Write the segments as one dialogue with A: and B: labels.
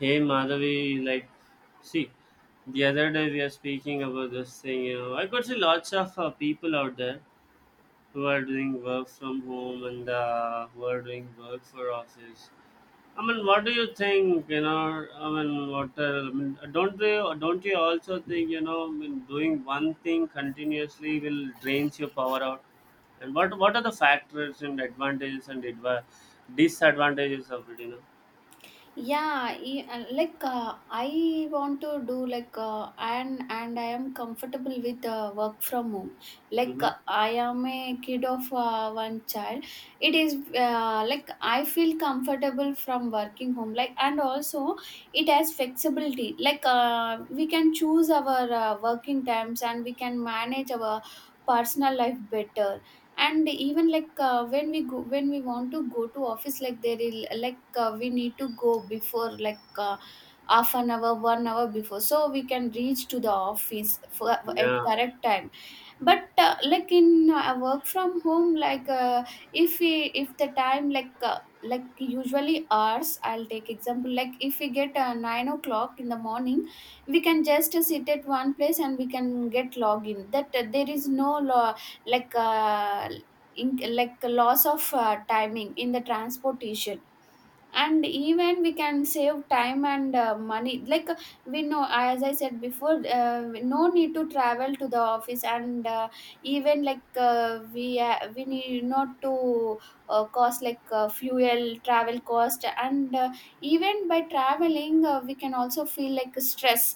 A: Hey Madhavi, like, see, the other day we are speaking about this thing. I could see lots of people out there who are doing work from home and who are doing work for office. I mean, what do you think? I mean, what? I mean, don't they? Don't you also think? I mean, doing one thing continuously will drains your power out. And what? What are the factors and advantages and disadvantages of it?
B: Yeah, I want to do and I am comfortable with work from home.
A: Mm-hmm.
B: I am a kid of one child. It is like I feel comfortable from working home. Like and also it has flexibility. We can choose our working times and we can manage our personal life better, and even when we want to go to office, like there is we need to go before half an hour 1 hour before so we can reach to the office for, at
A: Yeah.
B: correct time. But like in work from home, if we if the time like usually hours I'll take example like if we get 9 o'clock in the morning, we can just sit at one place and we can get login that there is no lo like uh, in, like loss of timing in the transportation. And even we can save time and money, like we know as I said before no need to travel to the office. And even we need not to cost fuel travel cost. And even by traveling we can also feel like stress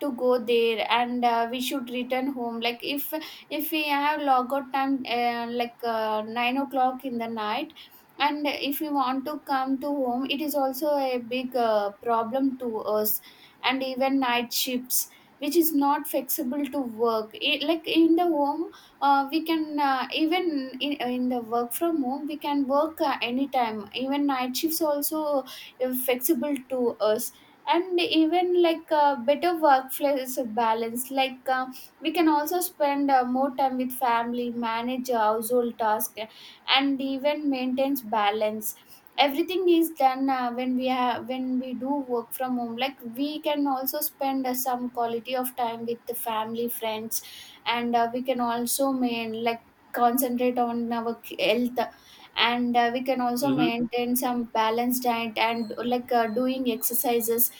B: to go there. And we should return home, like if we have logout time 9 o'clock in the night, and if we want to come to home it is also a big problem to us. And even night shifts which is not flexible to work it, like in the home we can even in the work from home we can work anytime, even night shifts also flexible to us. And even better workplace balance, we can also spend more time with family, manage household tasks, and even maintains balance. Everything is done when we do work from home, like we can also spend some quality of time with the family friends. And we can also main like concentrate on our health. And we can also
A: Mm-hmm.
B: maintain some balanced diet and doing exercises.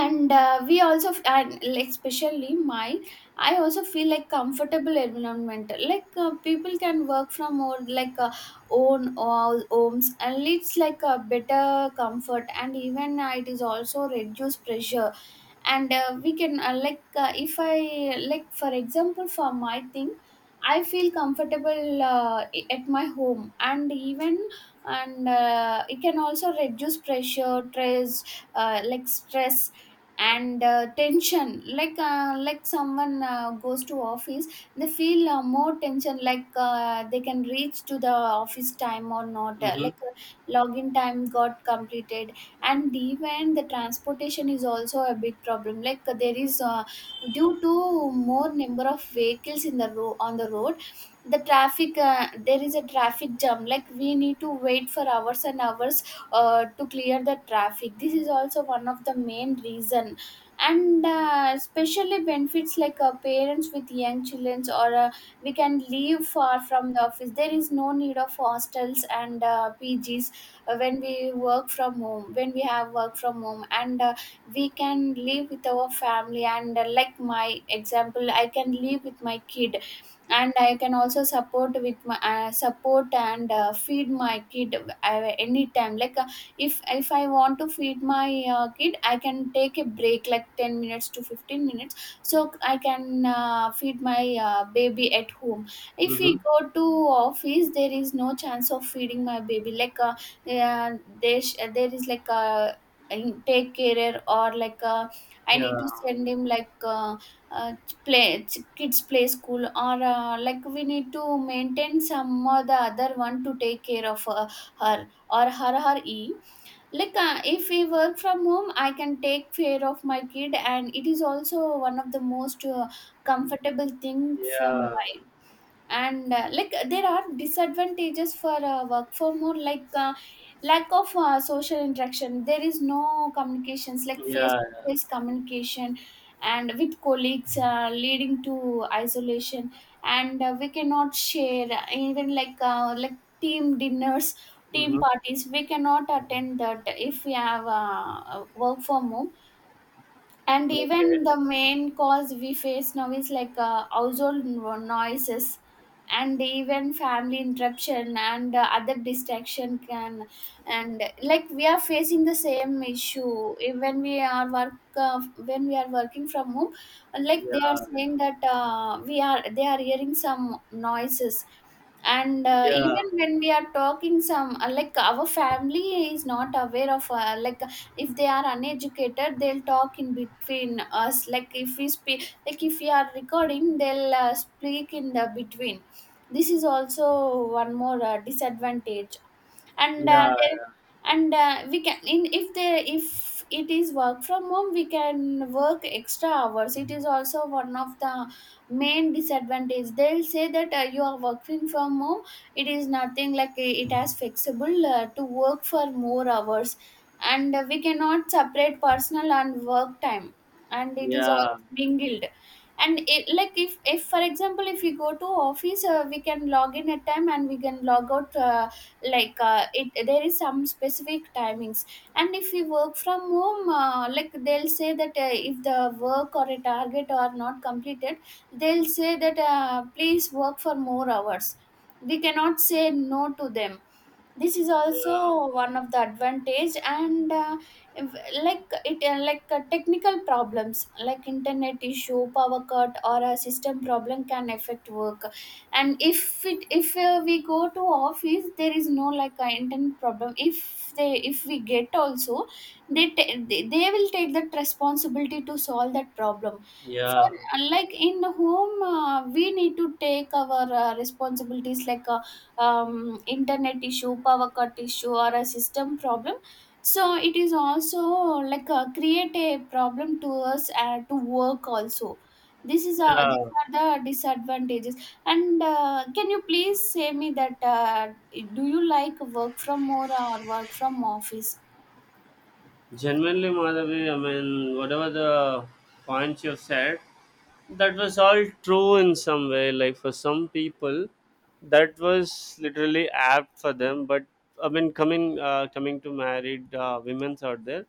B: And we also and like, especially my I also feel like comfortable environment, people can work from or own all homes. And it's like a better comfort, and even it is also reduce pressure. And we can if I like for example for my thing, I feel comfortable at my home. And even and it can also reduce pressure stress, like stress and tension, like someone goes to office, they feel more tension, they can reach to the office time or not,
A: Mm-hmm.
B: login time got completed. And even the transportation is also a big problem, there is due to more number of vehicles in the on the road, the traffic, there is a traffic jam, like we need to wait for hours and hours to clear the traffic. This is also one of the main reason. And especially benefits parents with young children, or we can leave far from the office, there is no need of hostels and PGs when we work from home when we have work from home. And we can live with our family, and like my example, I can live with my kid. And I can also support with my support, and feed my kid anytime, if I want to feed my kid, I can take a break like 10 minutes to 15 minutes, so I can feed my baby at home. If we
A: Mm-hmm.
B: go to office there is no chance of feeding my baby, yeah, there is like a take carer or like a, I need
A: Yeah,
B: to send him like a, uh play kids play school, or like we need to maintain some or the other one to take care of her or her e, if we work from home I can take care of my kid. And it is also one of the most comfortable thing for.
A: yeah,
B: And like there are disadvantages for work from home, lack of social interaction, there is no communications like face
A: yeah.
B: to face communication, and with colleagues leading to isolation. And we cannot share even like team dinners, team
A: Mm-hmm.
B: parties, we cannot attend that if we have work from home. And
A: Okay.
B: even the main cause we face now is household noises, and even family interruption, and other distraction can. And like we are facing the same issue when we are working from home, like they are
A: Yeah,
B: saying that we are they are hearing some noises. And
A: yeah,
B: even when we are talking some like our family is not aware of like if they are uneducated, they'll talk in between us. Like if we speak, like if we are recording, they'll speak in the between. This is also one more disadvantage. And there,
A: yeah,
B: and we can in if they if it is work from home, we can work extra hours. It is also one of the main disadvantage. They'll say that you are working from home, it is nothing it has flexible to work for more hours. And we cannot separate personal and work time, and it is all
A: yeah,
B: mingled. And it, like if for example if we go to office, we can log in at time and we can log out it there is some specific timings. And if we work from home like they'll say that if the work or a target are not completed, they'll say that please work for more hours. We cannot say no to them. This is
A: yeah,
B: also one of the advantage. And like it technical problems like internet issue, power cut, or a system problem can affect work. And if it if we go to office, there is no intent problem. If they if we get also, they will take that responsibility to solve that problem.
A: yeah,
B: For like in the home, we need to take our responsibilities like a internet issue, power cut issue, or a system problem. So it is also create a problem to us and to work also. This is these
A: yeah.
B: are the disadvantages. And can you please say me that do you like work from home or work from office?
A: Genuinely, Madhavi, I mean, whatever the points you've said, that was all true in some way. Like for some people, that was literally apt for them. But I mean, coming to married women's out there,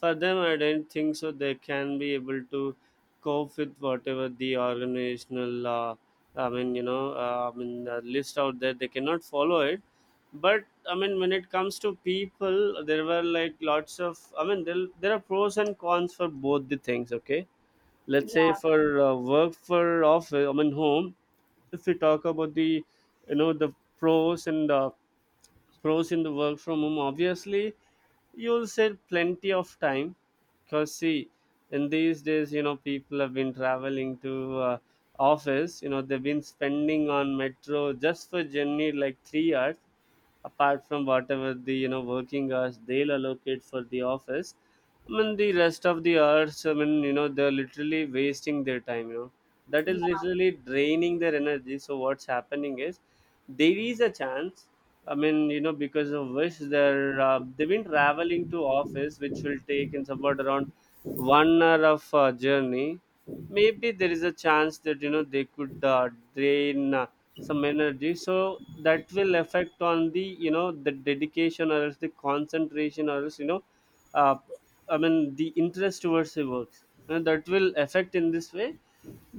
A: for them I don't think so they can be able to cope with whatever the organizational I mean I mean list out there they cannot follow it. But I mean, when it comes to people, there were like lots of, I mean, there are pros and cons for both the things. Okay, let's say
B: Yeah,
A: for work for office, I mean home. If we talk about the, you know, the pros and the pros in the work from home, obviously you'll save plenty of time. Because see, in these days, you know, people have been traveling to office. You know, they've been spending on metro just for journey like 3 hours, apart from whatever the, you know, working hours they'll allocate for the office. I mean the rest of the hours, I mean, you know, they're literally wasting their time, you know, that is
B: yeah,
A: literally draining their energy. So what's happening is, there is a chance, I mean, you know, because of which they've been traveling to office, which will take in about around 1 hour of journey. Maybe there is a chance that, you know, they could drain some energy, so that will affect on the, you know, the dedication or else the concentration or else, you know, uh, I mean the interest towards the works, and that will affect in this way.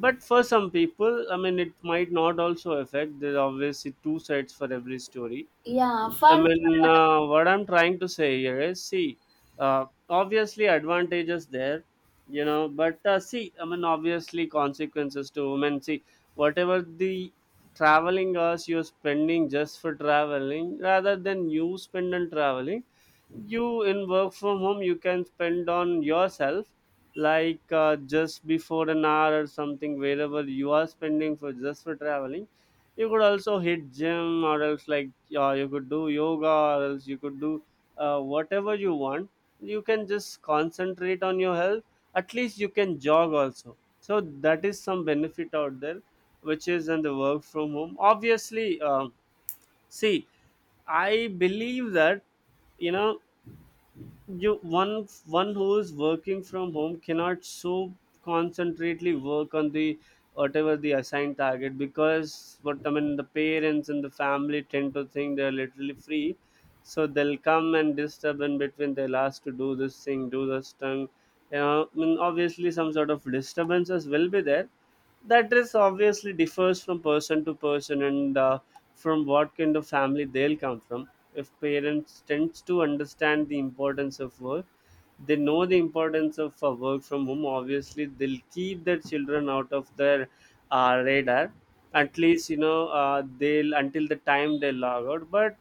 A: But for some people, I mean, it might not also affect. There are obviously two sides for every story.
B: yeah,
A: I
B: for
A: mean,
B: travel.
A: what I'm trying to say here is, see, obviously advantages there, you know, but see, I mean, obviously consequences to women. See, whatever the traveling hours you're spending just for traveling, rather than you spend on traveling, you in work from home you can spend on yourself. Like just before an hour or something wherever you are spending for just for traveling, you could also hit gym or else like you could do yoga or else you could do whatever you want. You can just concentrate on your health. At least you can jog also, so that is some benefit out there, which is in the work from home. Obviously, see, I believe that, you know, you one one who is working from home cannot so concentrately work on the whatever the assigned target, because what I mean, the parents and the family tend to think they're literally free, so they'll come and disturb in between, they'll ask to do this thing, do this thing. You know, I mean, obviously some sort of disturbances will be there. That is obviously differs from person to person, and from what kind of family they'll come from. If parents tends to understand the importance of work, they know the importance of work from home, obviously they'll keep their children out of their radar, at least, you know, they'll until the time they log out. But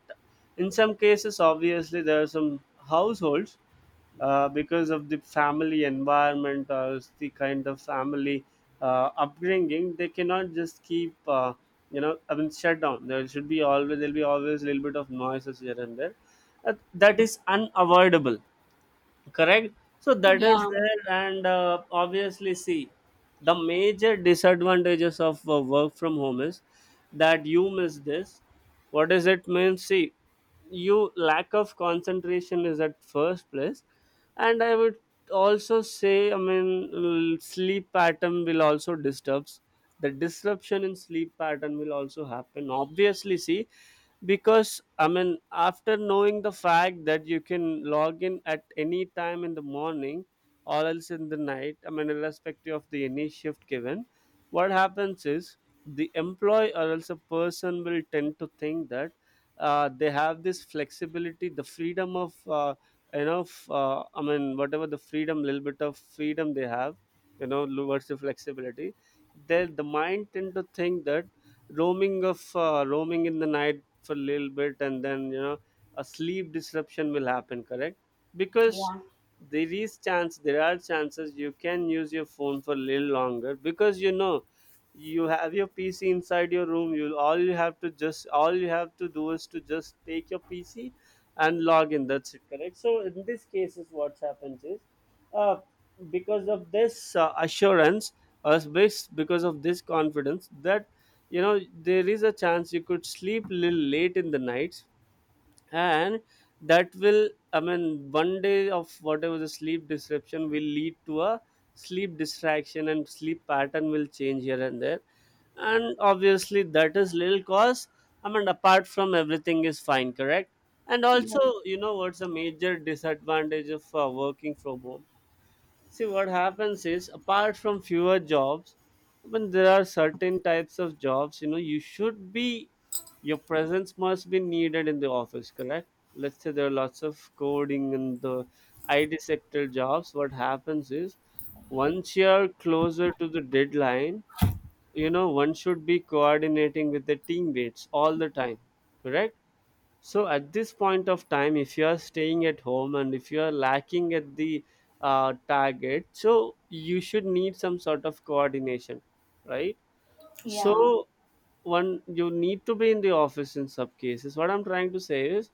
A: in some cases, obviously there are some households, because of the family environment or the kind of family upbringing, they cannot just keep, you know, I mean, shut down. There should be always, there'll be always a little bit of noises here and there. That is unavoidable, correct? So that is
B: Yeah,
A: there, and obviously see, the major disadvantages of work from home is that you miss this. What does it mean? See, you lack of concentration is at first place. And I would also say, I mean, sleep pattern will also disturbs, the disruption in sleep pattern will also happen, obviously. See, because I mean, after knowing the fact that you can log in at any time in the morning or else in the night, I mean irrespective of the any shift given, what happens is, the employee or else a person will tend to think that they have this flexibility, the freedom of you know, I mean whatever the freedom, little bit of freedom they have, you know, towards the flexibility, they the mind tend to think that roaming of roaming in the night for a little bit, and then, you know, a sleep disruption will happen, correct? Because there is chance, there are chances you can use your phone for a little longer, because, you know, you have your pc inside your room, you all you have to just, all you have to do is to just take your pc and log in, that's it, correct? So in this cases what happens is, uh, because of this assurance, because of this confidence that, you know, there is a chance you could sleep little late in the nights, and that will, I mean, one day of whatever the sleep disruption will lead to a sleep distraction, and sleep pattern will change here and there. And obviously that is little cause, I mean apart from everything is fine, correct? And also,
B: yeah,
A: you know what's a major disadvantage of working from home? See, what happens is, apart from fewer jobs, when there are certain types of jobs, you know, you should be, your presence must be needed in the office, correct? Let's say there are lots of coding and the IT sector jobs. What happens is, once you're closer to the deadline, you know, one should be coordinating with the teammates all the time, correct? So at this point of time, if you are staying at home and if you are lacking at the target, so you should need some sort of coordination, right?
B: yeah,
A: So one, you need to be in the office in some cases. What I'm trying to say is,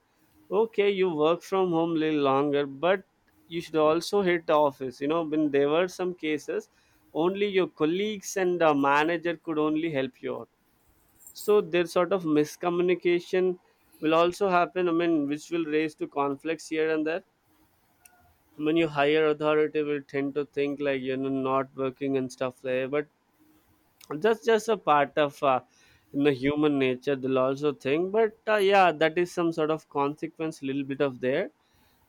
A: okay, you work from home a little longer, but you should also hit the office. You know, when there were some cases, only your colleagues and the manager could only help you out. So there's sort of miscommunication will also happen, I mean, which will raise to conflicts here and there. I mean your higher authority will tend to think like, you know, not working and stuff like that, but that's just a part of in the human nature, they'll also think. But yeah, that is some sort of consequence, little bit of there.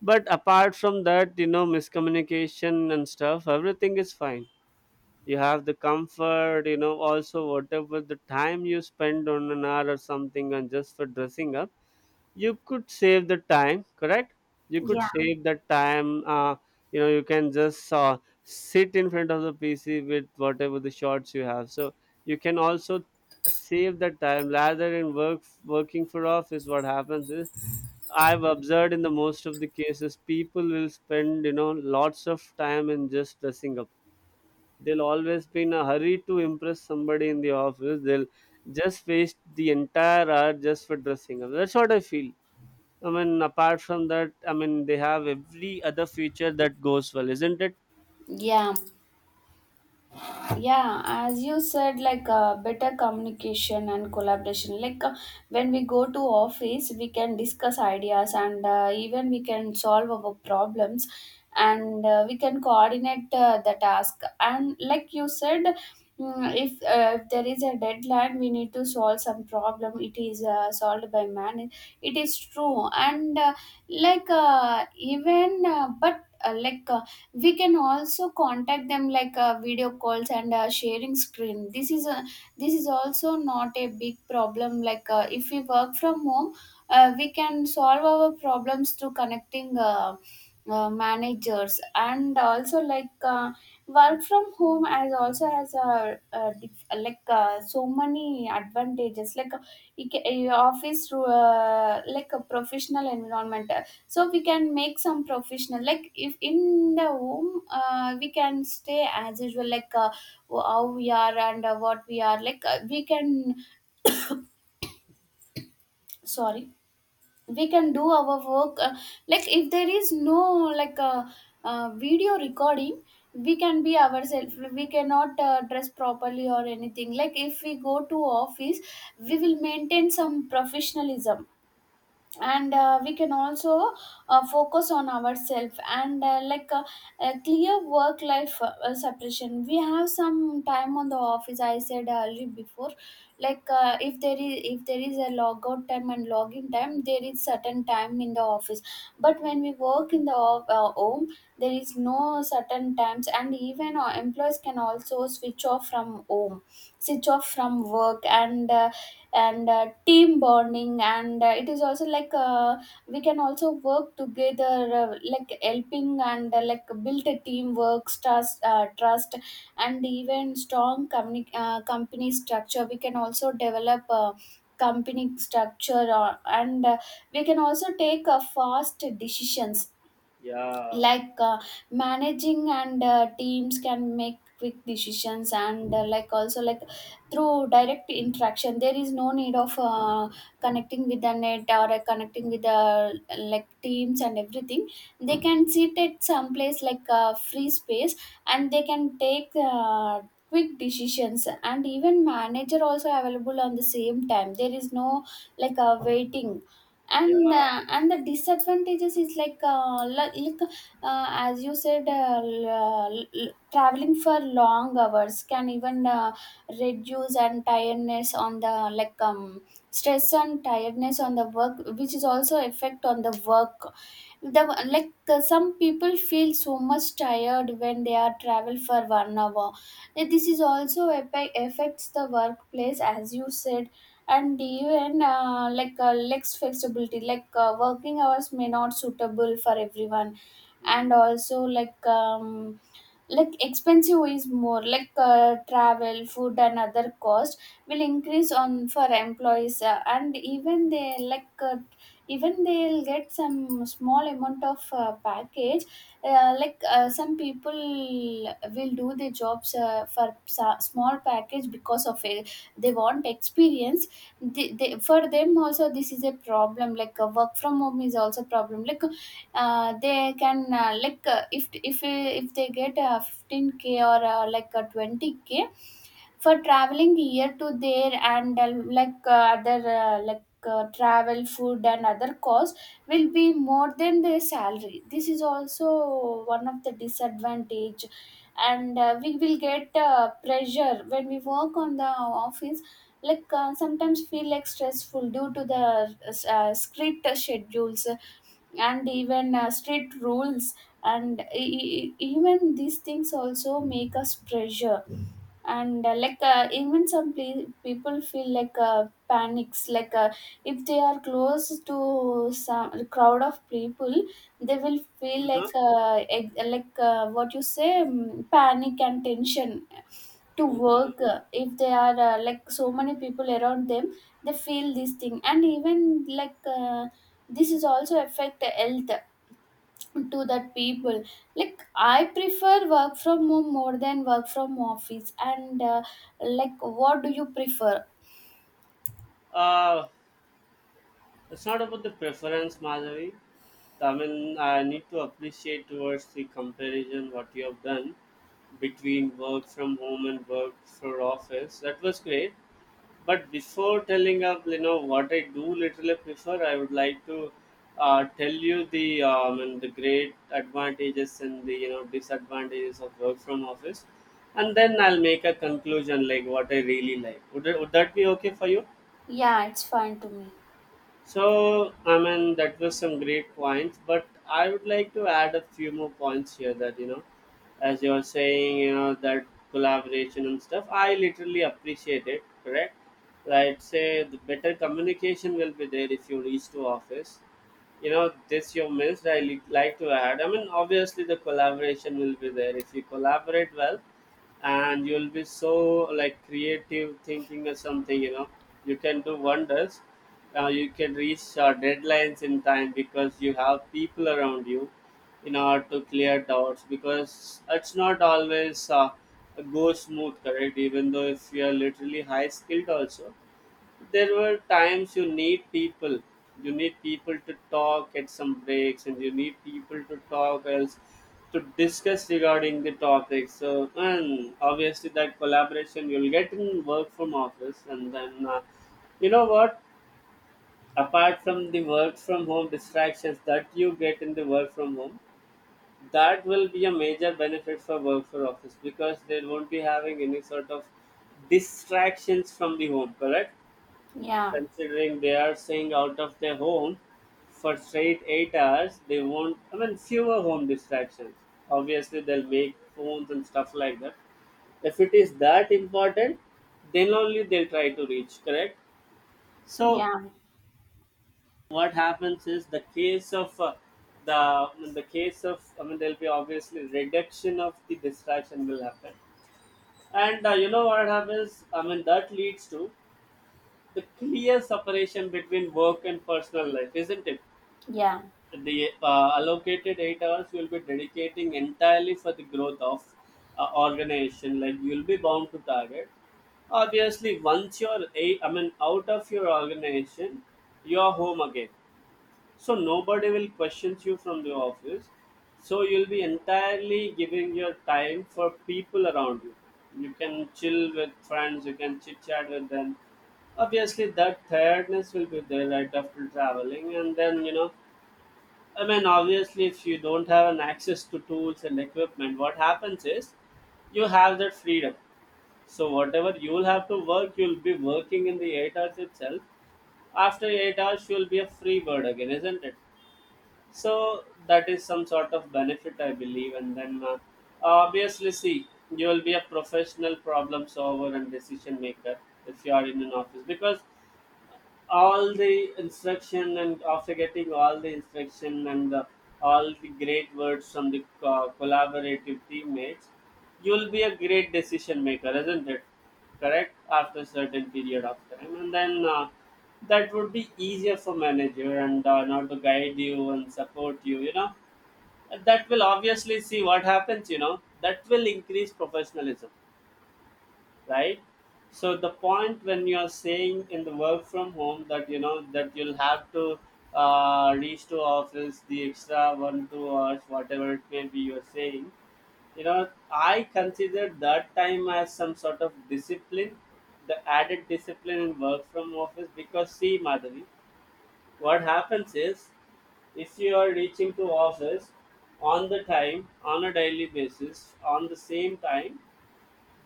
A: But apart from that, you know, miscommunication and stuff, everything is fine. You have the comfort, you know, also whatever the time you spend on an hour or something and just for dressing up, you could save the time, correct? You could
B: yeah,
A: save the time, you know, you can just sit in front of the pc with whatever the shots you have. So you can also save the time, rather than working for office. What happens is, I've observed in the most of the cases, people will spend, you know, lots of time in just dressing up. They'll always be in a hurry to impress somebody in the office, they'll just waste the entire hour just for dressing up, that's what I feel. I mean, apart from that, I mean, they have every other feature that goes well, isn't it?
B: yeah, yeah, as you said, better communication and collaboration, when we go to office we can discuss ideas, and even we can solve our problems. And we can coordinate the task. And like you said, mm, if there is a deadline we need to solve some problem, it is solved by man. It is true. And even but we can also contact them video calls and sharing screen. This is a, this is also not a big problem, if we work from home we can solve our problems through connecting managers. And also work from home as also has a so many advantages, you your office through like a professional environment. So we can make some professional, like if in the home we can stay as usual how we are and what we are, we can sorry we can do our work like if there is no like uh, video recording, we can be ourselves. We cannot dress properly or anything. Like if we go to office we
A: Mhm.
B: will maintain some professionalism. And we can also focus on ourselves. And a clear work life separation. We have some time on the office, I said earlier before, if there is a logout time and login time, there is certain time in the office. But when we work in the home, there is no certain times. And even our employees can also switch off from home, switch off from work. And and team bonding. And it is also we can also work together like helping and like build a teamwork trust and even strong company structure we can also develop company structure or, and we can also take fast decisions,
A: Yeah,
B: like managing, and teams can make quick decisions. And like also like through direct interaction there is no need of connecting with the net or connecting with the like teams and everything. They can sit at some place like a free space and they can take quick decisions, and even manager also available on the same time, there is no like a waiting. And
A: yeah.
B: and the disadvantages is like as you said, traveling for long hours can even reduce, and tiredness on the like stress and tiredness on the work, which is also effect on the work, the like some people feel so much tired when they are travel for 1 hour. This is also affects the workplace, as you said. And even like less flexibility, like working hours may not suitable for everyone. And also like expensive is more like travel, food and other cost will increase on for employees, and even they like even they'll get some small amount of package. Like some people will do the jobs for small package because of it, they want experience. For them also this is a problem, like work from home is also problem, like they can like if if they get 15k or like 20k for traveling here to there, and like other like travel, food and other costs will be more than their salary. This is also one of the disadvantage. And we will get pressure when we work on the office, like sometimes feel like stressful due to the strict schedules and even strict rules. And even these things also make us pressure. And like even some people feel like panics, like if they are close to some crowd of people, they will feel like like what you say, panic and tension to
A: Mm.
B: work, if they are like so many people around them, they feel this thing. And even like this is also affect the health to that people. Like I prefer work from home more than work from office. And like, what do you prefer?
A: Uh, it's not about the preference, Madhavi. I mean, I need to appreciate towards the comparison what you have done between work from home and work for office. That was great. But before telling up, you know what I do literally prefer. I would like to tell you the and the great advantages and the, you know, disadvantages of work from office, and then I'll make a conclusion like what I really like. Would that be okay for you?
B: Yeah, it's fine to me.
A: So, I mean, that was some great points, but I would like to add a few more points here that, you know, as you're saying, you know, that collaboration and stuff, I literally appreciate it, correct? Like, say, the better communication will be there if you reach to office. You know, this you missed, I like to add. I mean, obviously, the collaboration will be there. If you collaborate well, and you'll be so like creative thinking or something, you know, you can do wonders. You can reach deadlines in time because you have people around you in order to clear doubts, because it's not always go smooth, correct? Even though if you are literally high skilled also, there were times you need people. You need people to talk at some breaks, and you need people to talk else to discuss regarding the topic. So, and obviously that collaboration you'll get in work from office. And then you know what, apart from the work from home distractions that you get in the work from home, that will be a major benefit for work for office, because they won't be having any sort of distractions from the home, correct?
B: Yeah,
A: Considering they are staying out of their home for straight 8 hours, they won't. I mean, fewer home distractions. Obviously, they'll make phones and stuff like that. If it is that important, then only they'll try to reach. Correct. So
B: yeah,
A: what happens is the case of the in the case of I mean, there'll be obviously reduction of the distraction will happen. And you know what happens? I mean, that leads to the clear separation between work and personal life, isn't it?
B: yeah.
A: The allocated 8 hours you will be dedicating entirely for the growth of organization. Like you will be bound to target. Obviously, once you're a, I mean, out of your organization, you are home again, so nobody will question you from the office. So you'll be entirely giving your time for people around you. You can chill with friends, you can chit chat with them. Obviously that tiredness will be there right after traveling. And then, you know, I mean, obviously if you don't have an access to tools and equipment, what happens is you have that freedom. So whatever you'll have to work, you'll be working in the 8 hours itself. After 8 hours, you'll be a free bird again, isn't it? So that is some sort of benefit, I believe. And then obviously see, you will be a professional problem solver and decision maker if you are in an office, because all the instruction, and after getting all the instruction and all the great words from the collaborative teammates, you'll be a great decision maker, isn't it? Correct, after a certain period of time. And then that would be easier for manager and now to guide you and support you, you know. That will obviously see what happens, you know, that will increase professionalism, right? So the point when you are saying in the work from home that, you know, that you'll have to reach to office the extra 1 2 hours, whatever it may be, you're saying, you know, I consider that time as some sort of discipline, the added discipline in work from office. Because see, Madhavi, what happens is if you are reaching to office on the time on a daily basis on the same time,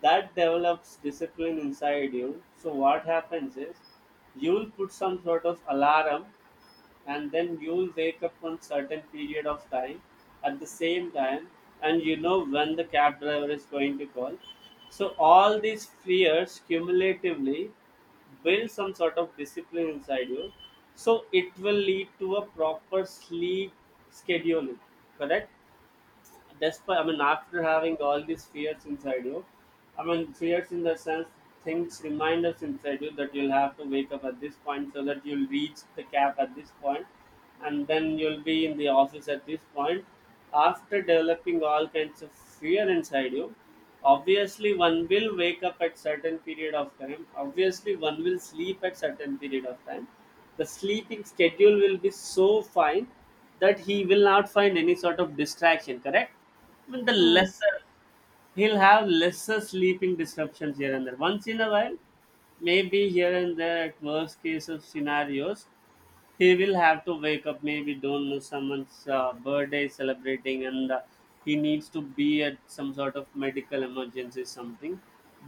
A: that develops discipline inside you. So what happens is you'll put some sort of alarm, and then you'll wake up on certain period of time at the same time. And you know when the cab driver is going to call. So all these fears cumulatively build some sort of discipline inside you. So it will lead to a proper sleep scheduling, correct? Despite, I mean, after having all these fears inside you, I mean fears in the sense, things, reminders inside you that you'll have to wake up at this point so that you'll reach the cap at this point, and then you'll be in the office at this point. After developing all kinds of fear inside you, obviously one will wake up at certain period of time. Obviously one will sleep at certain period of time. The sleeping schedule will be so fine that he will not find any sort of distraction, correct? I mean the
B: Mm.
A: lesser, he'll have lesser sleeping disruptions here and there once in a while, maybe here and there at worst case of scenarios. He will have to wake up maybe, don't know, someone's birthday is celebrating, and he needs to be at some sort of medical emergency, something.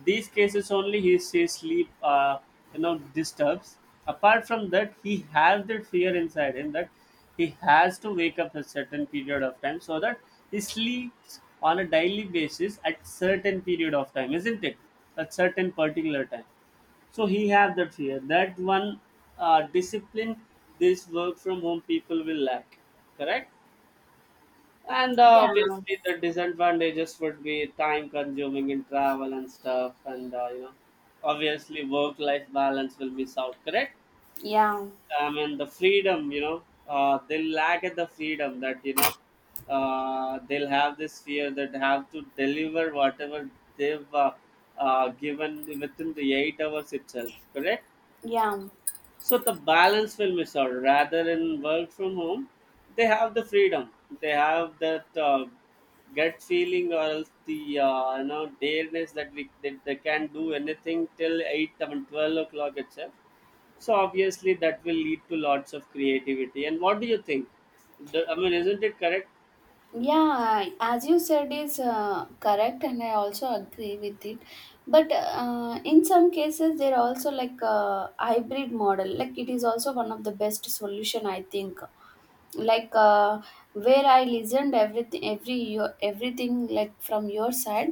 A: These cases only he says sleep you know disturbs. Apart from that, he has that fear inside him that he has to wake up a certain period of time, so that he sleeps on a daily basis at certain period of time, isn't it? At certain particular time. So he have that fear, that one discipline, this work from home people will lack, correct? And
B: Yeah,
A: obviously the disadvantages would be time consuming in travel and stuff, and you know, obviously work life balance will miss out, correct?
B: yeah,
A: I mean the freedom, you know, they'll lack at the freedom that, you know, they'll have this fear that have to deliver whatever they've given within the 8 hours itself. Correct.
B: yeah.
A: So the balance will miss out. Rather in work from home, they have the freedom. They have that gut feeling, or else the you know dareness that we that they can do anything till eight, I mean 12 o'clock itself. So obviously that will lead to lots of creativity. And what do you think? The, I mean, isn't it correct?
B: Yeah, as you said is correct, and I also agree with it. But in some cases, there are also like a hybrid model, like it is also one of the best solution, I think. Like where I listened everything, every your everything, like from your side,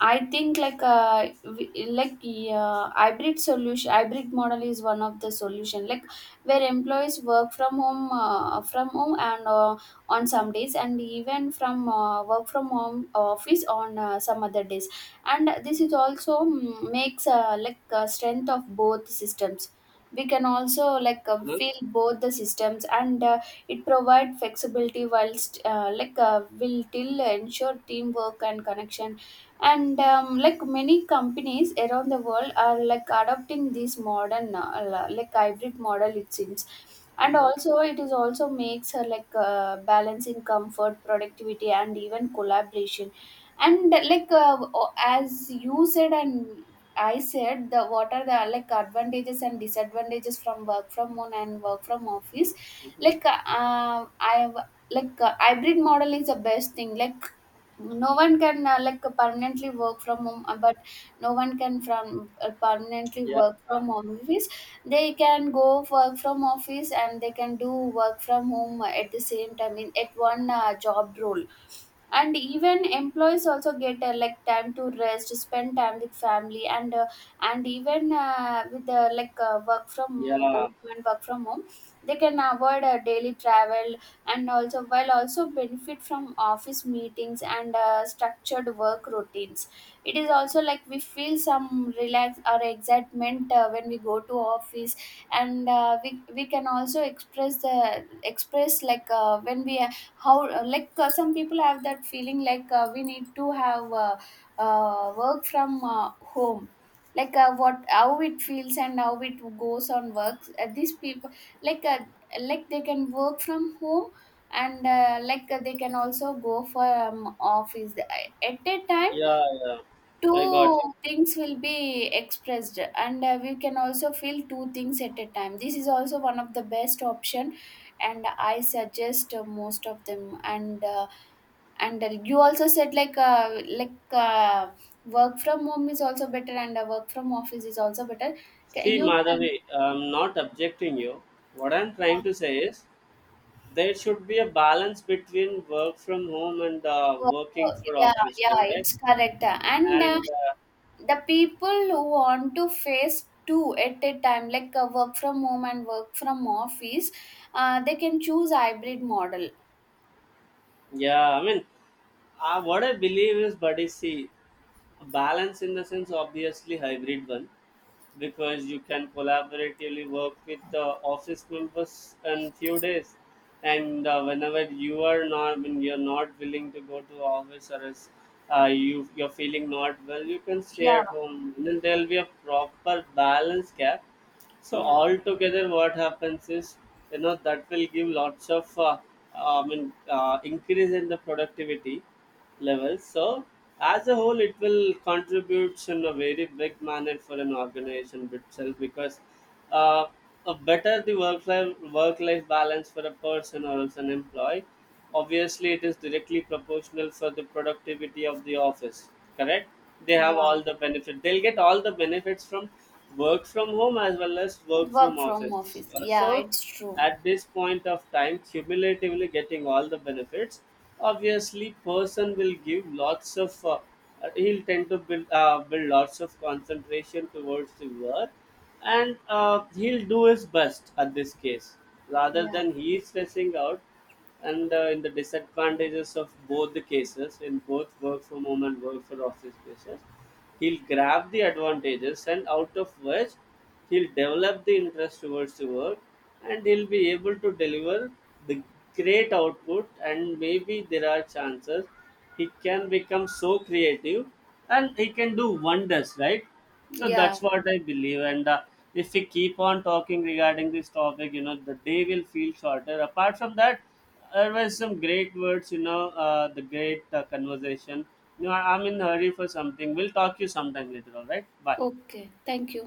B: I think, like like hybrid solution hybrid model is one of the solution, like where employees work from home and on some days, and even from work from home office on some other days. And this is also makes like strength of both systems. We can also like
A: Uh-huh.
B: feel both the systems. And it provides flexibility whilst like will till ensure teamwork and connection. And like, many companies around the world are like adopting this modern like hybrid model, it seems. And
A: Uh-huh.
B: also it is also makes like balancing comfort, productivity and even collaboration. And like as you said, and I said the what are the like advantages and disadvantages from work from home and work from office.
A: Uh-huh.
B: Like I have like hybrid model is the best thing. Like no one can like permanently work from home, but no one can from permanently
A: Yeah,
B: work from office. They can go work from office and they can do work from home at the same time, in at one job role. And even employees also get like time to rest, spend time with family, and even with like work from
A: yeah,
B: home and work from home they can avoid daily travel, and also while also benefit from office meetings and structured work routines. It is also like we feel some relax or excitement when we go to office. And we can also express the express like when we how like some people have that feeling like we need to have work from home. Like what how it feels and how it goes on works, these people like uh, like they can work from home, and like they can also go for office at a time.
A: yeah, yeah. I got
B: Two
A: you.
B: things will be expressed, and we can also feel two things at a time. This is also one of the best option, and I suggest most of them. And you also said like work from home is also better, and work from office is also better.
A: See,
B: You can
A: Madhavi, I'm not objecting you. What I'm trying to say is there should be a balance between work from home and
B: work,
A: working for
B: yeah,
A: office,
B: yeah,
A: correct?
B: it's correct. And
A: And
B: The people who want to face two at a time, like work from home and work from office, they can choose hybrid model.
A: yeah, I mean, what I believe is, buddy, see, balance in the sense, obviously, hybrid one, because you can collaboratively work with the office members in few days, and whenever you are not, when you're not willing to go to office or is you're feeling not well, you can stay
B: Yeah,
A: at home. Then there'll be a proper balance gap. So
B: yeah.
A: altogether, what happens is, you know, that will give lots of, I mean, increase in the productivity levels. So as a whole, it will contribute in a very big manner for an organization itself, because uh, a better the work life balance for a person or as an employee, obviously it is directly proportional for the productivity of the office. Correct? They have
B: yeah
A: all the benefit. They'll get all the benefits from work from home as well as work from
B: work from
A: office.
B: office, yeah,
A: So
B: it's true.
A: at this point of time, cumulatively getting all the benefits, obviously person will give lots of he'll tend to build lots of concentration towards the work, and he'll do his best at this case rather
B: Yeah,
A: than he is stressing out. And in the disadvantages of both the cases, in both work from home and work for office cases, he'll grab the advantages, and out of which he'll develop the interest towards the work, and he'll be able to deliver the great output. And maybe there are chances he can become so creative and he can do wonders, right? So
B: yeah.
A: that's what I believe. And if we keep on talking regarding this topic, you know, the day will feel shorter. Apart from that, there were some great words, you know, the great conversation. You know, I'm in a hurry for something. We'll talk to you sometime later, all right? Bye.
B: Okay, thank you.